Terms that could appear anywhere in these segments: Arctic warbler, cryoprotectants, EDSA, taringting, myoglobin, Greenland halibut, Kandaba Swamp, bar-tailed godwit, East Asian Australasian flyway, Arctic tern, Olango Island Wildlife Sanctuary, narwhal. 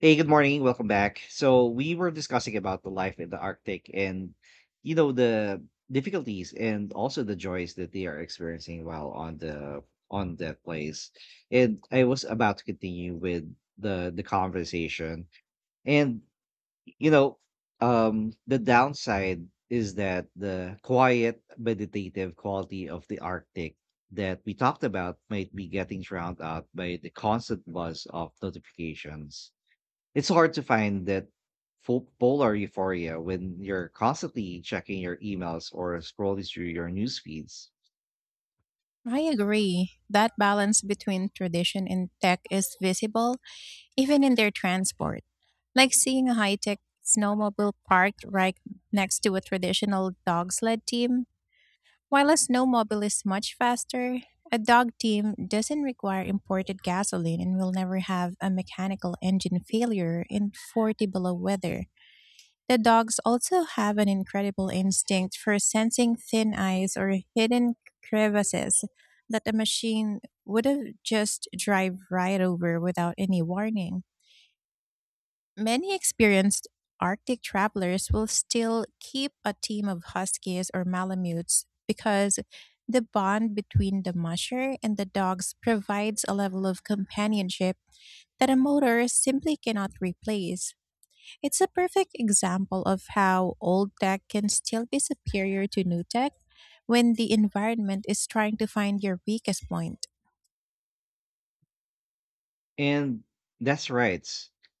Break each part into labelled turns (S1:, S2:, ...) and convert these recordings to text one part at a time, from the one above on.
S1: Hey, good morning. Welcome back. So we were discussing about the life in the Arctic and the difficulties and also the joys that they are experiencing while on that place. And I was about to continue with the conversation. And you know, the downside is that the quiet meditative quality of the Arctic that we talked about might be getting drowned out by the constant buzz of notifications. It's hard to find that full polar euphoria when you're constantly checking your emails or scrolling through your news feeds.
S2: I agree. That balance between tradition and tech is visible even in their transport. Like seeing a high tech snowmobile parked right next to a traditional dog sled team. While a snowmobile is much faster, a dog team doesn't require imported gasoline and will never have a mechanical engine failure in 40 below weather. The dogs also have an incredible instinct for sensing thin ice or hidden crevices that a machine would have just drive right over without any warning. Many experienced Arctic travelers will still keep a team of huskies or malamutes because the bond between the musher and the dogs provides a level of companionship that a motor simply cannot replace. It's a perfect example of how old tech can still be superior to new tech when the environment is trying to find your weakest point.
S1: And that's right.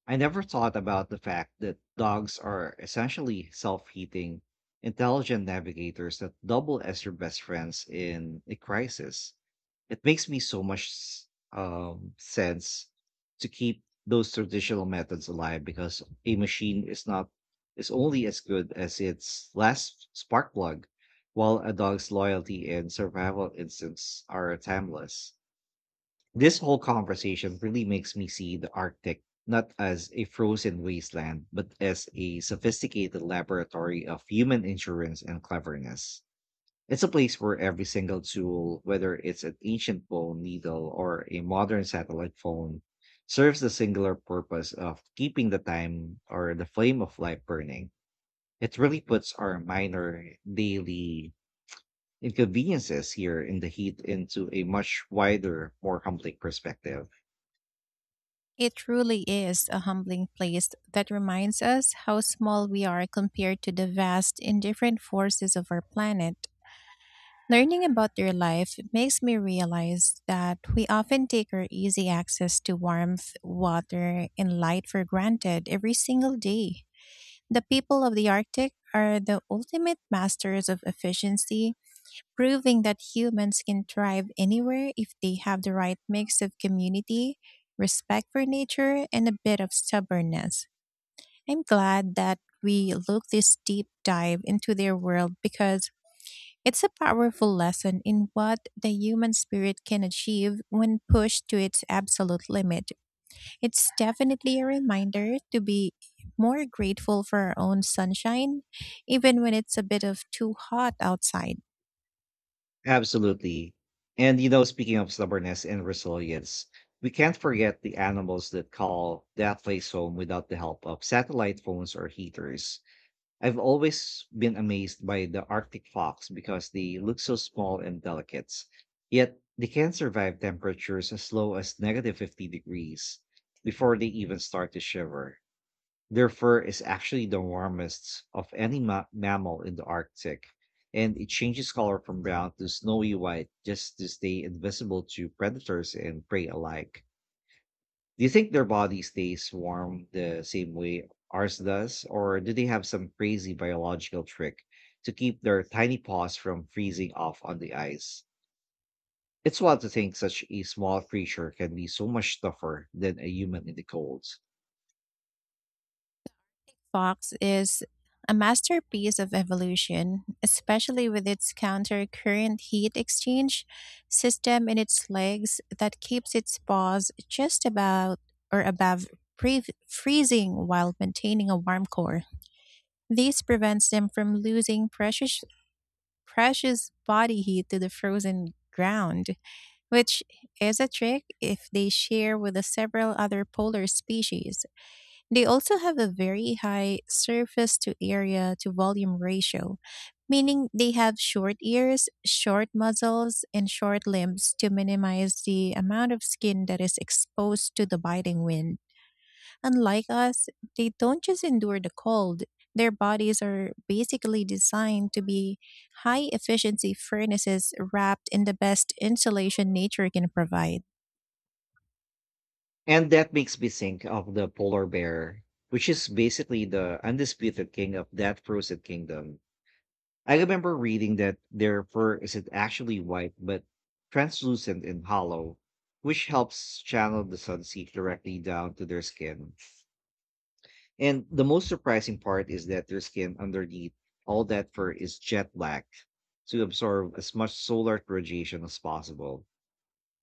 S1: I never thought about the fact that dogs are essentially self-heating, intelligent navigators that double as your best friends in a crisis. It makes me so much sense to keep those traditional methods alive, because a machine is not is only as good as its last spark plug, while a dog's loyalty and survival instincts are timeless. This whole conversation really makes me see the Arctic not as a frozen wasteland, but as a sophisticated laboratory of human insurance and cleverness. It's a place where every single tool, whether it's an ancient bone needle or a modern satellite phone, serves the singular purpose of keeping the time or the flame of life burning. It really puts our minor daily inconveniences here in the heat into a much wider, more complex perspective.
S2: It truly is a humbling place that reminds us how small we are compared to the vast, indifferent forces of our planet. Learning about their life makes me realize that we often take our easy access to warmth, water, and light for granted every single day. The people of the Arctic are the ultimate masters of efficiency, proving that humans can thrive anywhere if they have the right mix of community, respect for nature, and a bit of stubbornness. I'm glad that we look this deep dive into their world, because it's a powerful lesson in what the human spirit can achieve when pushed to its absolute limit. It's definitely a reminder to be more grateful for our own sunshine, even when it's a bit of too hot outside.
S1: Absolutely. And you know, speaking of stubbornness and resilience, we can't forget the animals that call that place home without the help of satellite phones or heaters. I've always been amazed by the Arctic fox, because they look so small and delicate, yet they can survive temperatures as low as negative 50 degrees before they even start to shiver. Their fur is actually the warmest of any mammal in the Arctic, and it changes color from brown to snowy white just to stay invisible to predators and prey alike. Do you think their body stays warm the same way ours does, or do they have some crazy biological trick to keep their tiny paws from freezing off on the ice? It's wild to think such a small creature can be so much tougher than a human in the cold.
S2: Fox is a masterpiece of evolution, especially with its counter-current heat exchange system in its legs that keeps its paws just about or above freezing while maintaining a warm core. This prevents them from losing precious body heat to the frozen ground, which is a trick if they share with the several other polar species. They also have a very high surface to area to volume ratio, meaning they have short ears, short muzzles, and short limbs to minimize the amount of skin that is exposed to the biting wind. Unlike us, they don't just endure the cold. Their bodies are basically designed to be high efficiency furnaces wrapped in the best insulation nature can provide.
S1: And that makes me think of the polar bear, which is basically the undisputed king of that frozen kingdom. I remember reading that their fur isn't actually white, but translucent and hollow, which helps channel the sun's heat directly down to their skin. And the most surprising part is that their skin underneath all that fur is jet black, to absorb as much solar radiation as possible.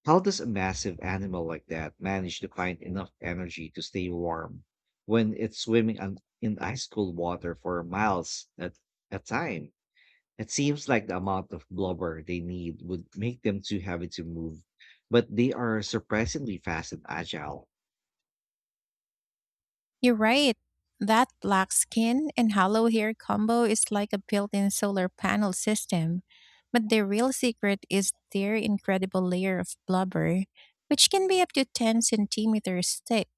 S1: How does a massive animal like that manage to find enough energy to stay warm when it's swimming in ice cold water for miles at a time? It seems like the amount of blubber they need would make them too heavy to move, but they are surprisingly fast and agile.
S2: You're right. That black skin and hollow hair combo is like a built in solar panel system. But the real secret is their incredible layer of blubber, which can be up to 10 centimeters thick.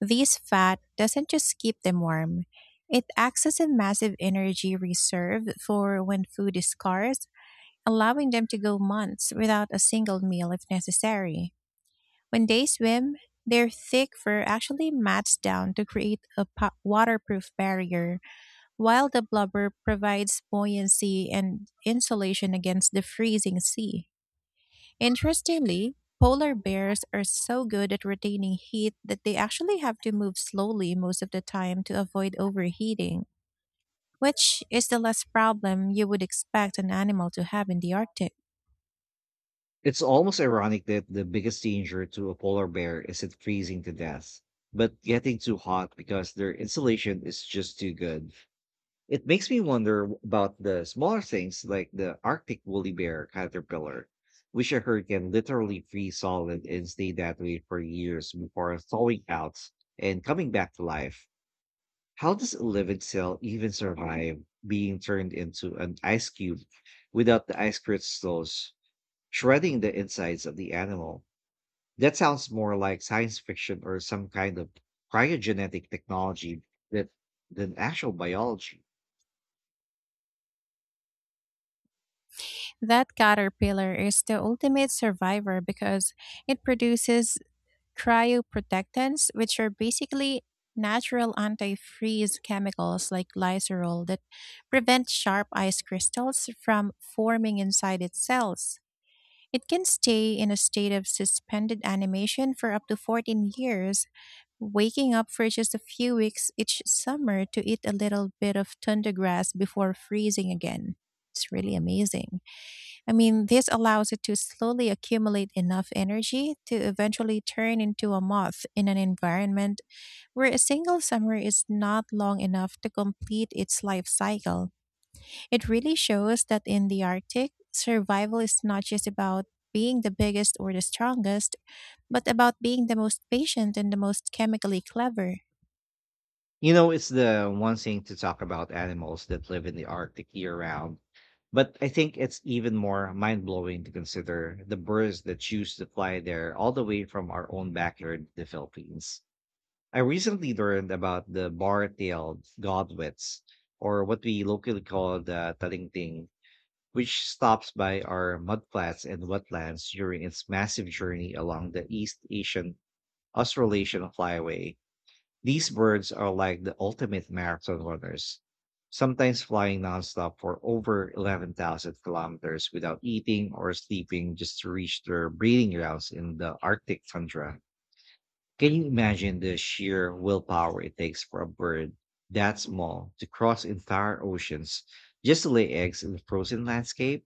S2: This fat doesn't just keep them warm, it acts as a massive energy reserve for when food is scarce, allowing them to go months without a single meal if necessary. When they swim, their thick fur actually mats down to create a waterproof barrier, while the blubber provides buoyancy and insulation against the freezing sea. Interestingly, polar bears are so good at retaining heat that they actually have to move slowly most of the time to avoid overheating, which is the less problem you would expect an animal to have in the Arctic.
S1: It's almost ironic that the biggest danger to a polar bear isn't freezing to death, but getting too hot because their insulation is just too good. It makes me wonder about the smaller things like the Arctic woolly bear caterpillar, which I heard can literally freeze solid and stay that way for years before thawing out and coming back to life. How does a living cell even survive being turned into an ice cube without the ice crystals shredding the insides of the animal? That sounds more like science fiction or some kind of cryogenetic technology that than actual biology.
S2: That caterpillar is the ultimate survivor because it produces cryoprotectants, which are basically natural antifreeze chemicals like glycerol that prevent sharp ice crystals from forming inside its cells. It can stay in a state of suspended animation for up to 14 years, waking up for just a few weeks each summer to eat a little bit of tundra grass before freezing again. It's really amazing. I mean, this allows it to slowly accumulate enough energy to eventually turn into a moth in an environment where a single summer is not long enough to complete its life cycle. It really shows that in the Arctic, survival is not just about being the biggest or the strongest, but about being the most patient and the most chemically clever.
S1: You know, it's the one thing to talk about animals that live in the Arctic year round, but I think it's even more mind blowing to consider the birds that choose to fly there all the way from our own backyard, the Philippines. I recently learned about the bar-tailed godwits, or what we locally call the taringting, which stops by our mudflats and wetlands during its massive journey along the East Asian Australasian flyway. These birds are like the ultimate marathon runners, sometimes flying nonstop for over 11,000 kilometers without eating or sleeping, just to reach their breeding grounds in the Arctic tundra. Can you imagine the sheer willpower it takes for a bird that small to cross entire oceans just to lay eggs in the frozen landscape?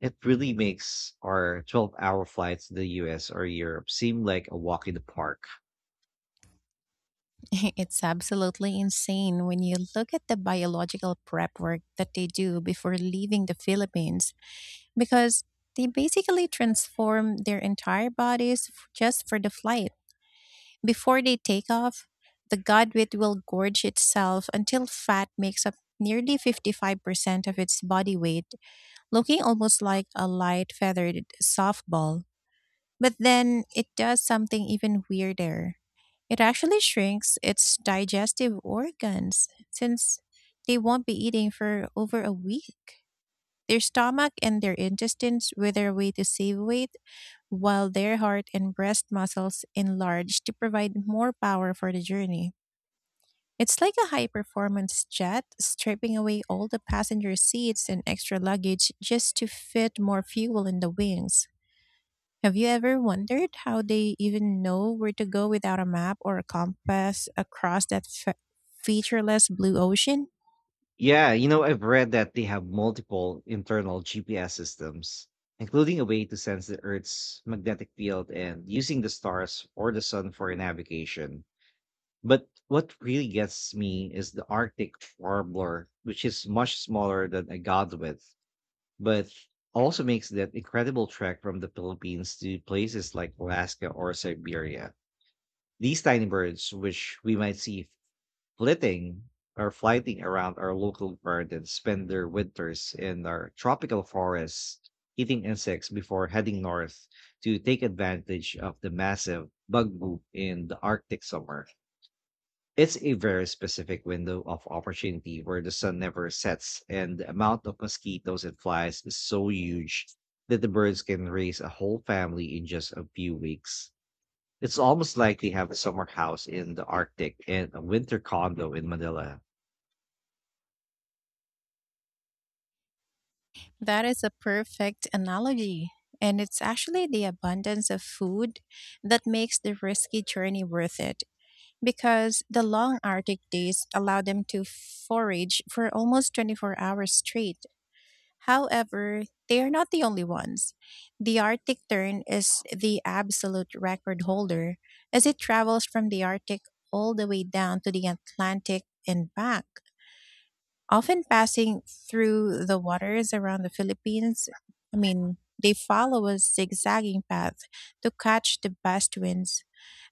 S1: It really makes our 12-hour flights to the US or Europe seem like a walk in the park.
S2: It's absolutely insane when you look at the biological prep work that they do before leaving the Philippines, because they basically transform their entire bodies just for the flight. Before they take off, the godwit will gorge itself until fat makes up nearly 55% of its body weight, looking almost like a light feathered softball. But then it does something even weirder. It actually shrinks its digestive organs, since they won't be eating for over a week. Their stomach and their intestines wither away to save weight, while their heart and breast muscles enlarge to provide more power for the journey. It's like a high performance jet, stripping away all the passenger seats and extra luggage just to fit more fuel in the wings. Have you ever wondered how they even know where to go without a map or a compass across that featureless blue ocean?
S1: Yeah, you know, I've read that they have multiple internal GPS systems, including a way to sense the Earth's magnetic field and using the stars or the sun for navigation. But what really gets me is the Arctic warbler, which is much smaller than a godwit, but also makes that incredible trek from the Philippines to places like Alaska or Siberia. These tiny birds, which we might see flitting or flighting around our local gardens, spend their winters in our tropical forests, eating insects before heading north to take advantage of the massive bug boom in the Arctic summer. It's a very specific window of opportunity where the sun never sets, and the amount of mosquitoes and flies is so huge that the birds can raise a whole family in just a few weeks. It's almost like they have a summer house in the Arctic and a winter condo in Manila.
S2: That is a perfect analogy. And it's actually the abundance of food that makes the risky journey worth it, because the long Arctic days allow them to forage for almost 24 hours straight. However, they are not the only ones. The Arctic tern is the absolute record holder, as it travels from the Arctic all the way down to the Atlantic and back, often passing through the waters around the Philippines. I mean, they follow a zigzagging path to catch the best winds.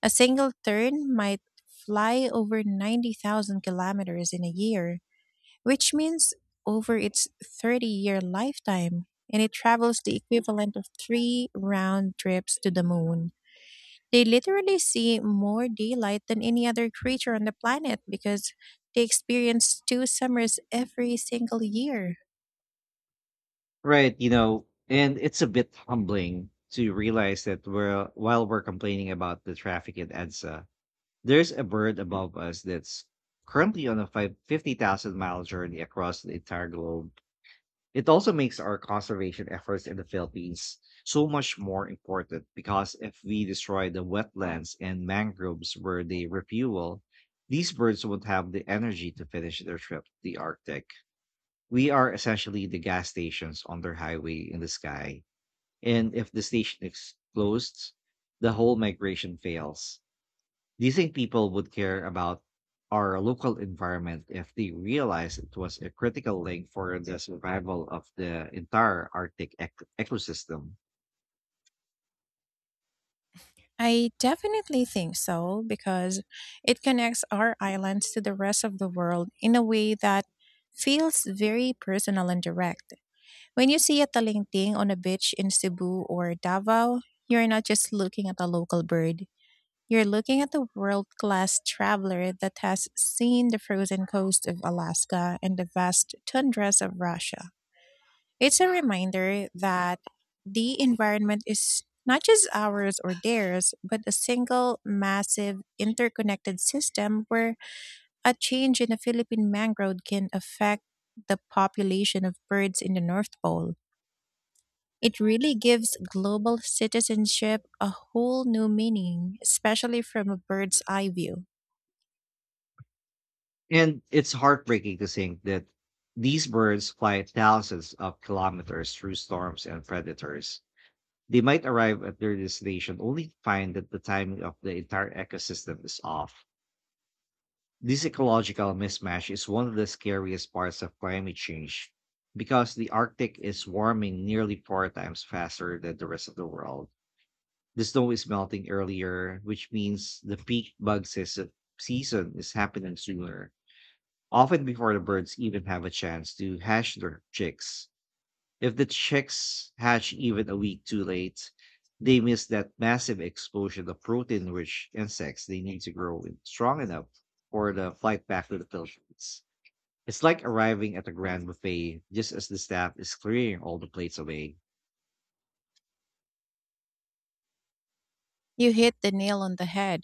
S2: A single turn might fly over 90,000 kilometers in a year, which means over its 30-year lifetime, and it travels the equivalent of three round trips to the moon. They literally see more daylight than any other creature on the planet because they experience two summers every single year.
S1: Right, you know, and it's a bit humbling to realize that we're, while we're complaining about the traffic in EDSA, there's a bird above us that's currently on a 50,000 mile journey across the entire globe. It also makes our conservation efforts in the Philippines so much more important, because if we destroy the wetlands and mangroves where they refuel, these birds won't have the energy to finish their trip to the Arctic. We are essentially the gas stations on their highway in the sky. And if the station is closed, the whole migration fails. Do you think people would care about our local environment if they realized it was a critical link for the survival of the entire Arctic ecosystem?
S2: I definitely think so, because it connects our islands to the rest of the world in a way that feels very personal and direct. When you see a talinting on a beach in Cebu or Davao, you're not just looking at a local bird. You're looking at the world class traveler that has seen the frozen coast of Alaska and the vast tundras of Russia. It's a reminder that the environment is not just ours or theirs, but a single, massive, interconnected system where a change in a Philippine mangrove can affect the population of birds in the North Pole. It really gives global citizenship a whole new meaning, especially from a bird's eye view.
S1: And it's heartbreaking to think that these birds fly thousands of kilometers through storms and predators. They might arrive at their destination only to find that the timing of the entire ecosystem is off. This ecological mismatch is one of the scariest parts of climate change, because the Arctic is warming nearly four times faster than the rest of the world. The snow is melting earlier, which means the peak bug season is happening sooner, often before the birds even have a chance to hatch their chicks. If the chicks hatch even a week too late, they miss that massive explosion of protein rich insects they need to grow strong enough for the flight back to the Philippines. It's like arriving at a grand buffet just as the staff is clearing all the plates away.
S2: You hit the nail on the head.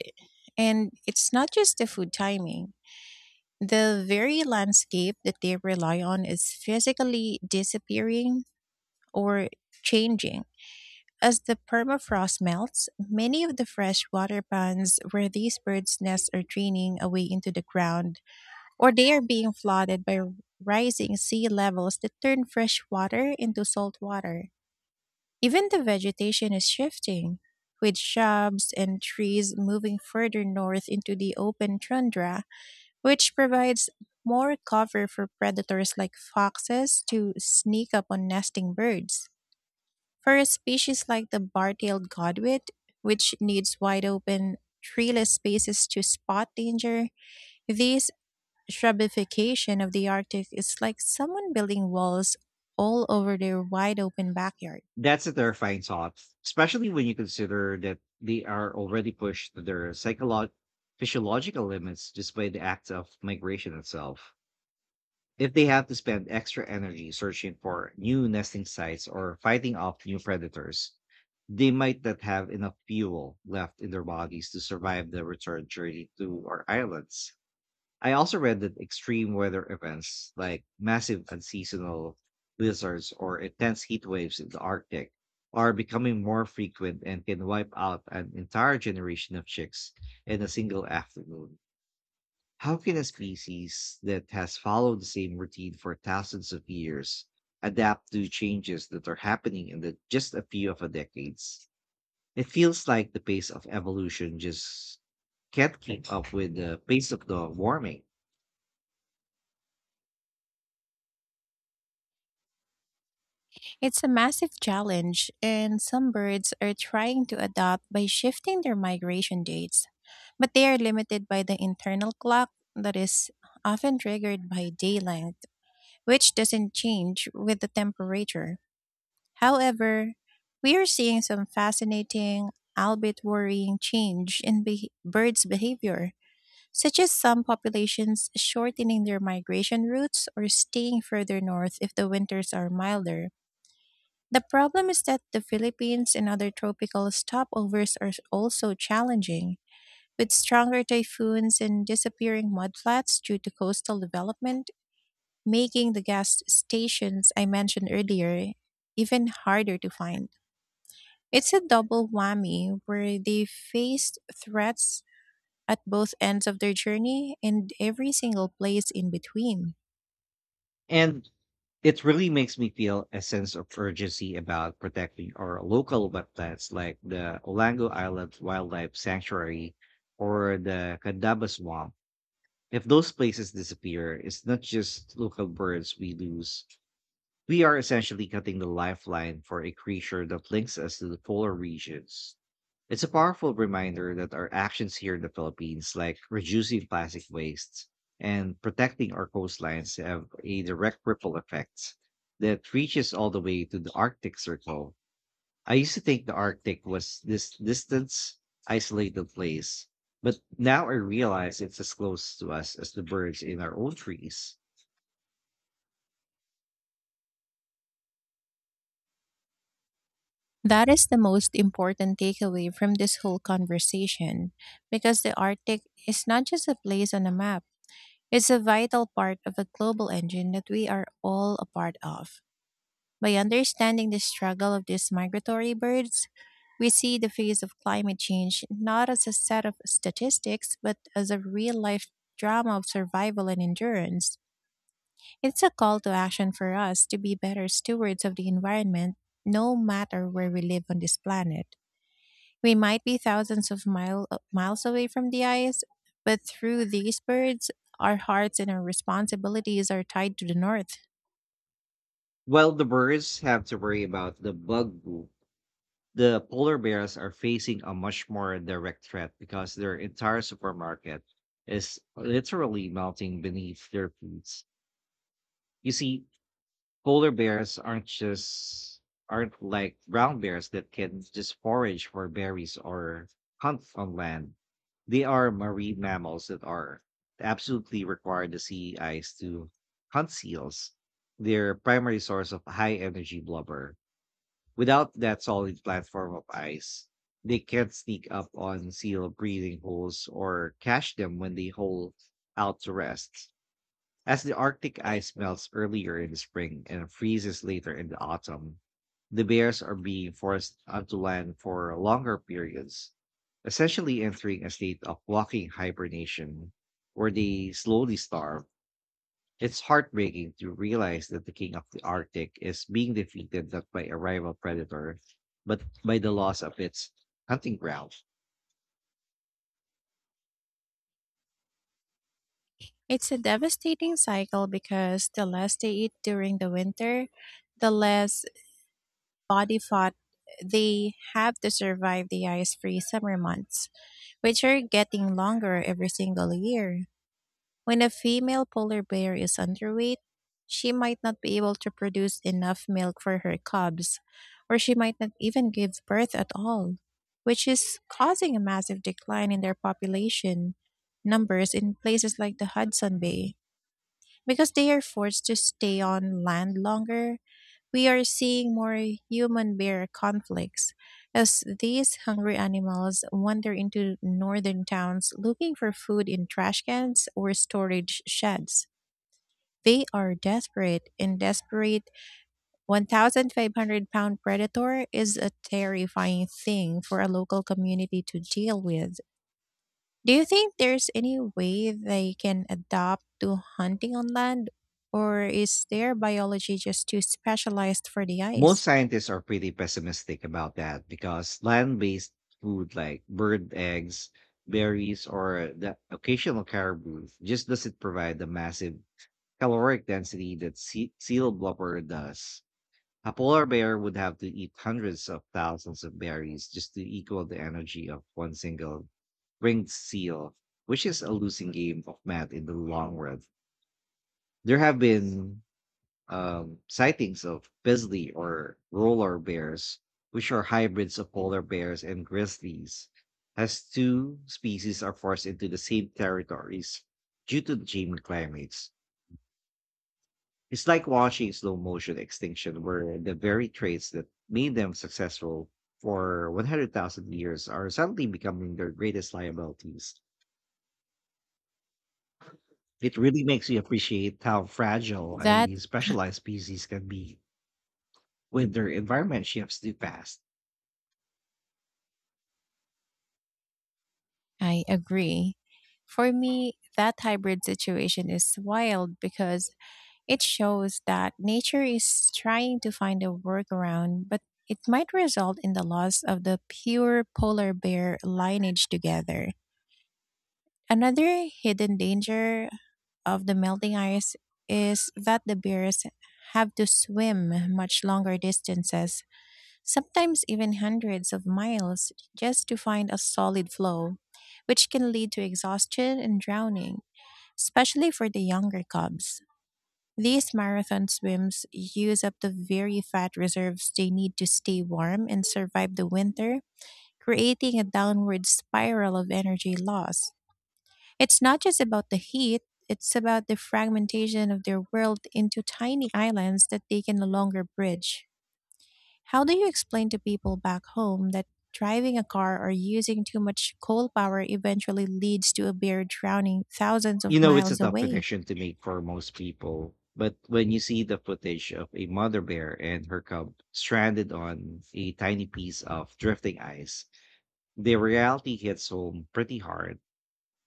S2: And it's not just the food timing. The very landscape that they rely on is physically disappearing or changing. As the permafrost melts, many of the freshwater ponds where these birds' nests are draining away into the ground, or they are being flooded by rising sea levels that turn fresh water into salt water. Even the vegetation is shifting, with shrubs and trees moving further north into the open tundra, which provides more cover for predators like foxes to sneak up on nesting birds. For a species like the bar tailed godwit, which needs wide open, treeless spaces to spot danger, this shrubification of the Arctic is like someone building walls all over their wide open backyard.
S1: That's a terrifying thought, especially when you consider that they are already pushed to their physiological limits just by the act of migration itself. If they have to spend extra energy searching for new nesting sites or fighting off new predators, they might not have enough fuel left in their bodies to survive the return journey to our islands. I also read that extreme weather events like massive unseasonal blizzards or intense heat waves in the Arctic are becoming more frequent and can wipe out an entire generation of chicks in a single afternoon. How can a species that has followed the same routine for thousands of years adapt to changes that are happening just a few of a decades? It feels like the pace of evolution just can't keep up with the pace of the warming.
S2: It's a massive challenge, and some birds are trying to adapt by shifting their migration dates, but they are limited by the internal clock that is often triggered by day length, which doesn't change with the temperature. However, we are seeing some fascinating, albeit worrying, change in beh birds' behavior, such as some populations shortening their migration routes or staying further north if the winters are milder. The problem is that the Philippines and other tropical stopovers are also challenging, with stronger typhoons and disappearing mudflats due to coastal development, making the gas stations I mentioned earlier even harder to find. It's a double whammy, where they faced threats at both ends of their journey and every single place in between.
S1: And it really makes me feel a sense of urgency about protecting our local wetlands like the Olango Island Wildlife Sanctuary or the Kandaba Swamp. If those places disappear, it's not just local birds we lose. We are essentially cutting the lifeline for a creature that links us to the polar regions. It's a powerful reminder that our actions here in the Philippines, like reducing plastic waste and protecting our coastlines, have a direct ripple effect that reaches all the way to the Arctic Circle. I used to think the Arctic was this distance, isolated place, but now I realize it's as close to us as the birds in our own trees.
S2: That is the most important takeaway from this whole conversation, because the Arctic is not just a place on a map, it's a vital part of a global engine that we are all a part of. By understanding the struggle of these migratory birds, we see the face of climate change not as a set of statistics, but as a real life drama of survival and endurance. It's a call to action for us to be better stewards of the environment, no matter where we live on this planet. We might be thousands of miles away from the ice, but through these birds, our hearts and our responsibilities are tied to the north.
S1: While the birds have to worry about the bug group, the polar bears are facing a much more direct threat because their entire supermarket is literally melting beneath their feet. You see, polar bears aren't like brown bears that can just forage for berries or hunt on land. They are marine mammals that are absolutely required the sea ice to hunt seals, their primary source of high energy blubber. Without that solid platform of ice, they can't sneak up on seal breathing holes or catch them when they hole out to rest. As the Arctic ice melts earlier in the spring and freezes later in the autumn, the bears are being forced onto land for longer periods, essentially entering a state of walking hibernation where they slowly starve. It's heartbreaking to realize that the king of the Arctic is being defeated not by a rival predator, but by the loss of its hunting ground.
S2: It's a devastating cycle, because the less they eat during the winter, the less body fat they have to survive the ice free summer months, which are getting longer every single year. When a female polar bear is underweight, she might not be able to produce enough milk for her cubs, or she might not even give birth at all, which is causing a massive decline in their population numbers in places like the Hudson Bay. Because they are forced to stay on land longer, we are seeing more human bear conflicts as these hungry animals wander into northern towns looking for food in trash cans or storage sheds. They are desperate, and desperate 1,500 pound predator is a terrifying thing for a local community to deal with. Do you think there's any way they can adapt to hunting on land, or is their biology just too specialized for the
S1: Most
S2: ice?
S1: scientists are pretty pessimistic about that because land-based food like bird eggs, berries, or the occasional caribou just doesn't provide the massive caloric density that seal blubber does. A polar bear would have to eat hundreds of thousands of berries just to equal the energy of one single ringed seal, which is a losing game of math in the long run. There have been sightings of Bisley or roller bears, which are hybrids of polar bears and grizzlies, as two species are forced into the same territories due to changing climates. It's like watching slow motion extinction, where the very traits that made them successful for 100,000 years are suddenly becoming their greatest liabilities. It really makes you appreciate how fragile
S2: That
S1: a specialized species can be when their environment shifts too fast.
S2: I agree. For me, that hybrid situation is wild because it shows that nature is trying to find a workaround, but it might result in the loss of the pure polar bear lineage together. Another hidden danger of the melting ice is that the bears have to swim much longer distances, sometimes even hundreds of miles, just to find a solid floe, which can lead to exhaustion and drowning, especially for the younger cubs. These marathon swims use up the very fat reserves they need to stay warm and survive the winter, creating a downward spiral of energy loss. It's not just about the heat, it's about the fragmentation of their world into tiny islands that they can no longer bridge. How do you explain to people back home that driving a car or using too much coal power eventually leads to a bear drowning thousands of
S1: You know it's a
S2: miles
S1: tough
S2: away?
S1: connection to make for most people, but when you see the footage of a mother bear and her cub stranded on a tiny piece of drifting ice, the reality hits home pretty hard.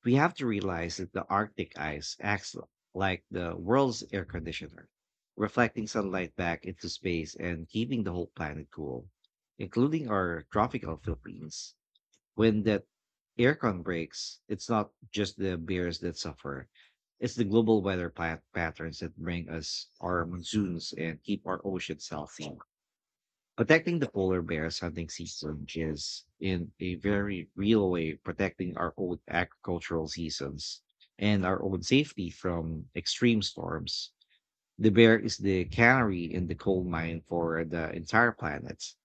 S1: We have to realize that the Arctic ice acts like the world's air conditioner, reflecting sunlight back into space and keeping the whole planet cool, including our tropical Philippines. When that aircon breaks, it's not just the bears that suffer. It's the global weather patterns that bring us our monsoons and keep our oceans healthy. Protecting the polar bear's hunting season is, in a very real way, protecting our own agricultural seasons and our own safety from extreme storms. The bear is the canary in the coal mine for the entire planet.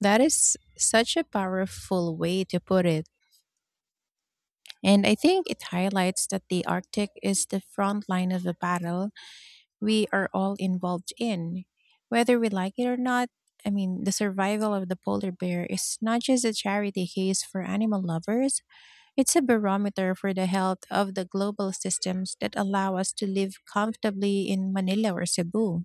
S2: That is such a powerful way to put it. And I think it highlights that the Arctic is the front line of the battle we are all involved in. Whether we like it or not, I mean, the survival of the polar bear is not just a charity case for animal lovers, it's a barometer for the health of the global systems that allow us to live comfortably in Manila or Cebu.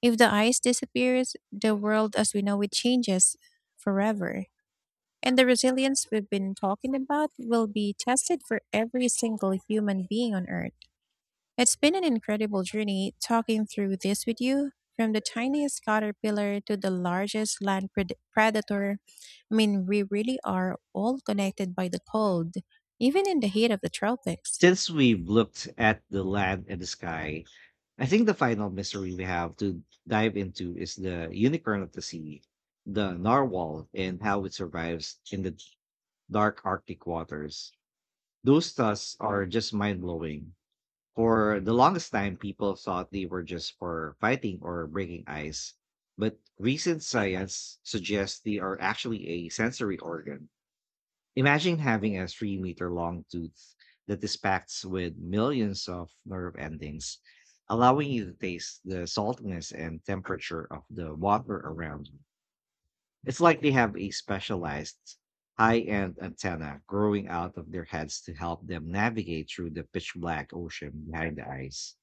S2: If the ice disappears, the world as we know it changes forever. And the resilience we've been talking about will be tested for every single human being on Earth. It's been an incredible journey talking through this with you, from the tiniest caterpillar to the largest land predator. I mean, we really are all connected by the cold, even in the heat of the tropics.
S1: Since we've looked at the land and the sky, I think the final mystery we have to dive into is the unicorn of the sea, the narwhal, and how it survives in the dark Arctic waters. Those tusks are just mind blowing. For the longest time, people thought they were just for fighting or breaking ice. But recent science suggests they are actually a sensory organ. Imagine having a 3 meter long tooth that is packed with millions of nerve endings, allowing you to taste the saltiness and temperature of the water around you. It's like they have a specialized high end antenna growing out of their heads to help them navigate through the pitch black ocean behind the eyes.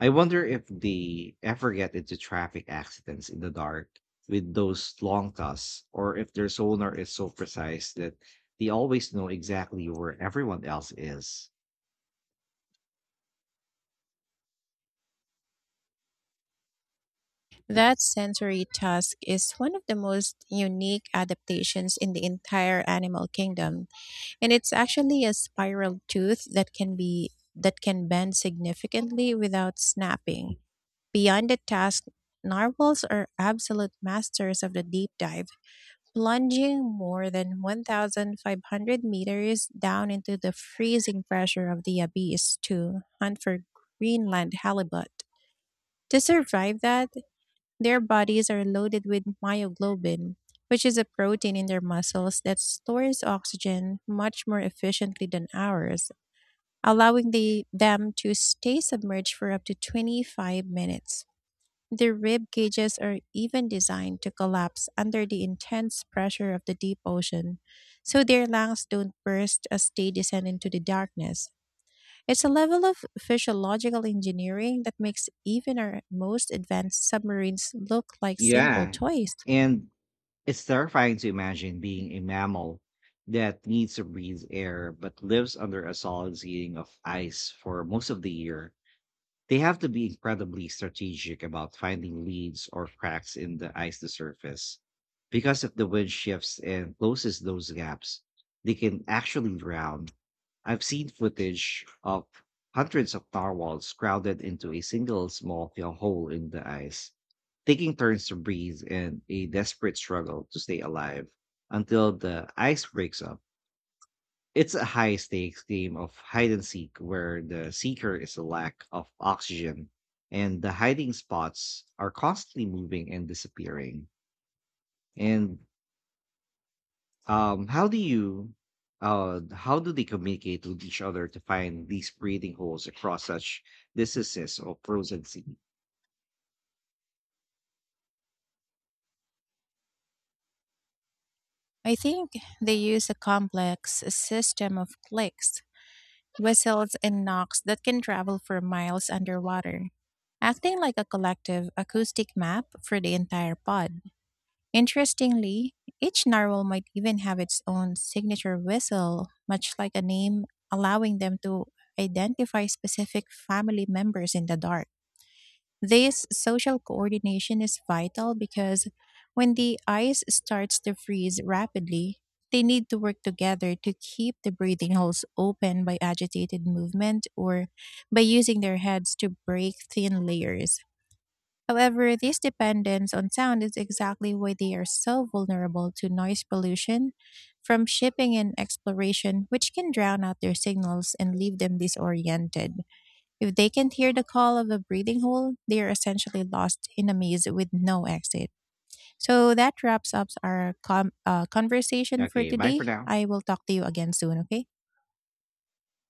S1: I wonder if they ever get into traffic accidents in the dark with those long casts, or if their sonar is so precise that they always know exactly where everyone else is.
S2: That sensory task is one of the most unique adaptations in the entire animal kingdom, and it's actually a spiral tooth that can bend significantly without snapping. Beyond the task, narwhals are absolute masters of the deep dive, plunging more than 1,500 meters down into the freezing pressure of the abyss to hunt for Greenland halibut. To survive that, their bodies are loaded with myoglobin, which is a protein in their muscles that stores oxygen much more efficiently than ours, allowing them to stay submerged for up to 25 minutes. The rib cages are even designed to collapse under the intense pressure of the deep ocean, so their lungs don't burst as they descend into the darkness. It's a level of physiological engineering that makes even our most advanced submarines look like simple
S1: Yeah.
S2: toys.
S1: And it's terrifying to imagine being a mammal that needs to breathe air but lives under a solid ceiling of ice for most of the year. They have to be incredibly strategic about finding leads or cracks in the ice's surface, because if the wind shifts and closes those gaps, they can actually drown. I've seen footage of hundreds of narwhals crowded into a single small fill hole in the ice, taking turns to breathe in a desperate struggle to stay alive until the ice breaks up. It's a high stakes game of hide and seek where the seeker is a lack of oxygen and the hiding spots are constantly moving and disappearing. And how do you how do they communicate with each other to find these breathing holes across such distances of frozen sea?
S2: I think they use a complex system of clicks, whistles, and knocks that can travel for miles underwater, acting like a collective acoustic map for the entire pod. Interestingly, each narwhal might even have its own signature whistle, much like a name, allowing them to identify specific family members in the dark. This social coordination is vital because when the ice starts to freeze rapidly, they need to work together to keep the breathing holes open by agitated movement or by using their heads to break thin layers. However, this dependence on sound is exactly why they are so vulnerable to noise pollution from shipping and exploration, which can drown out their signals and leave them disoriented. If they can't hear the call of a breathing hole, they are essentially lost in a maze with no exit. So that wraps up our conversation for
S1: Okay, bye for
S2: today.
S1: now.
S2: I will talk to you again soon, okay?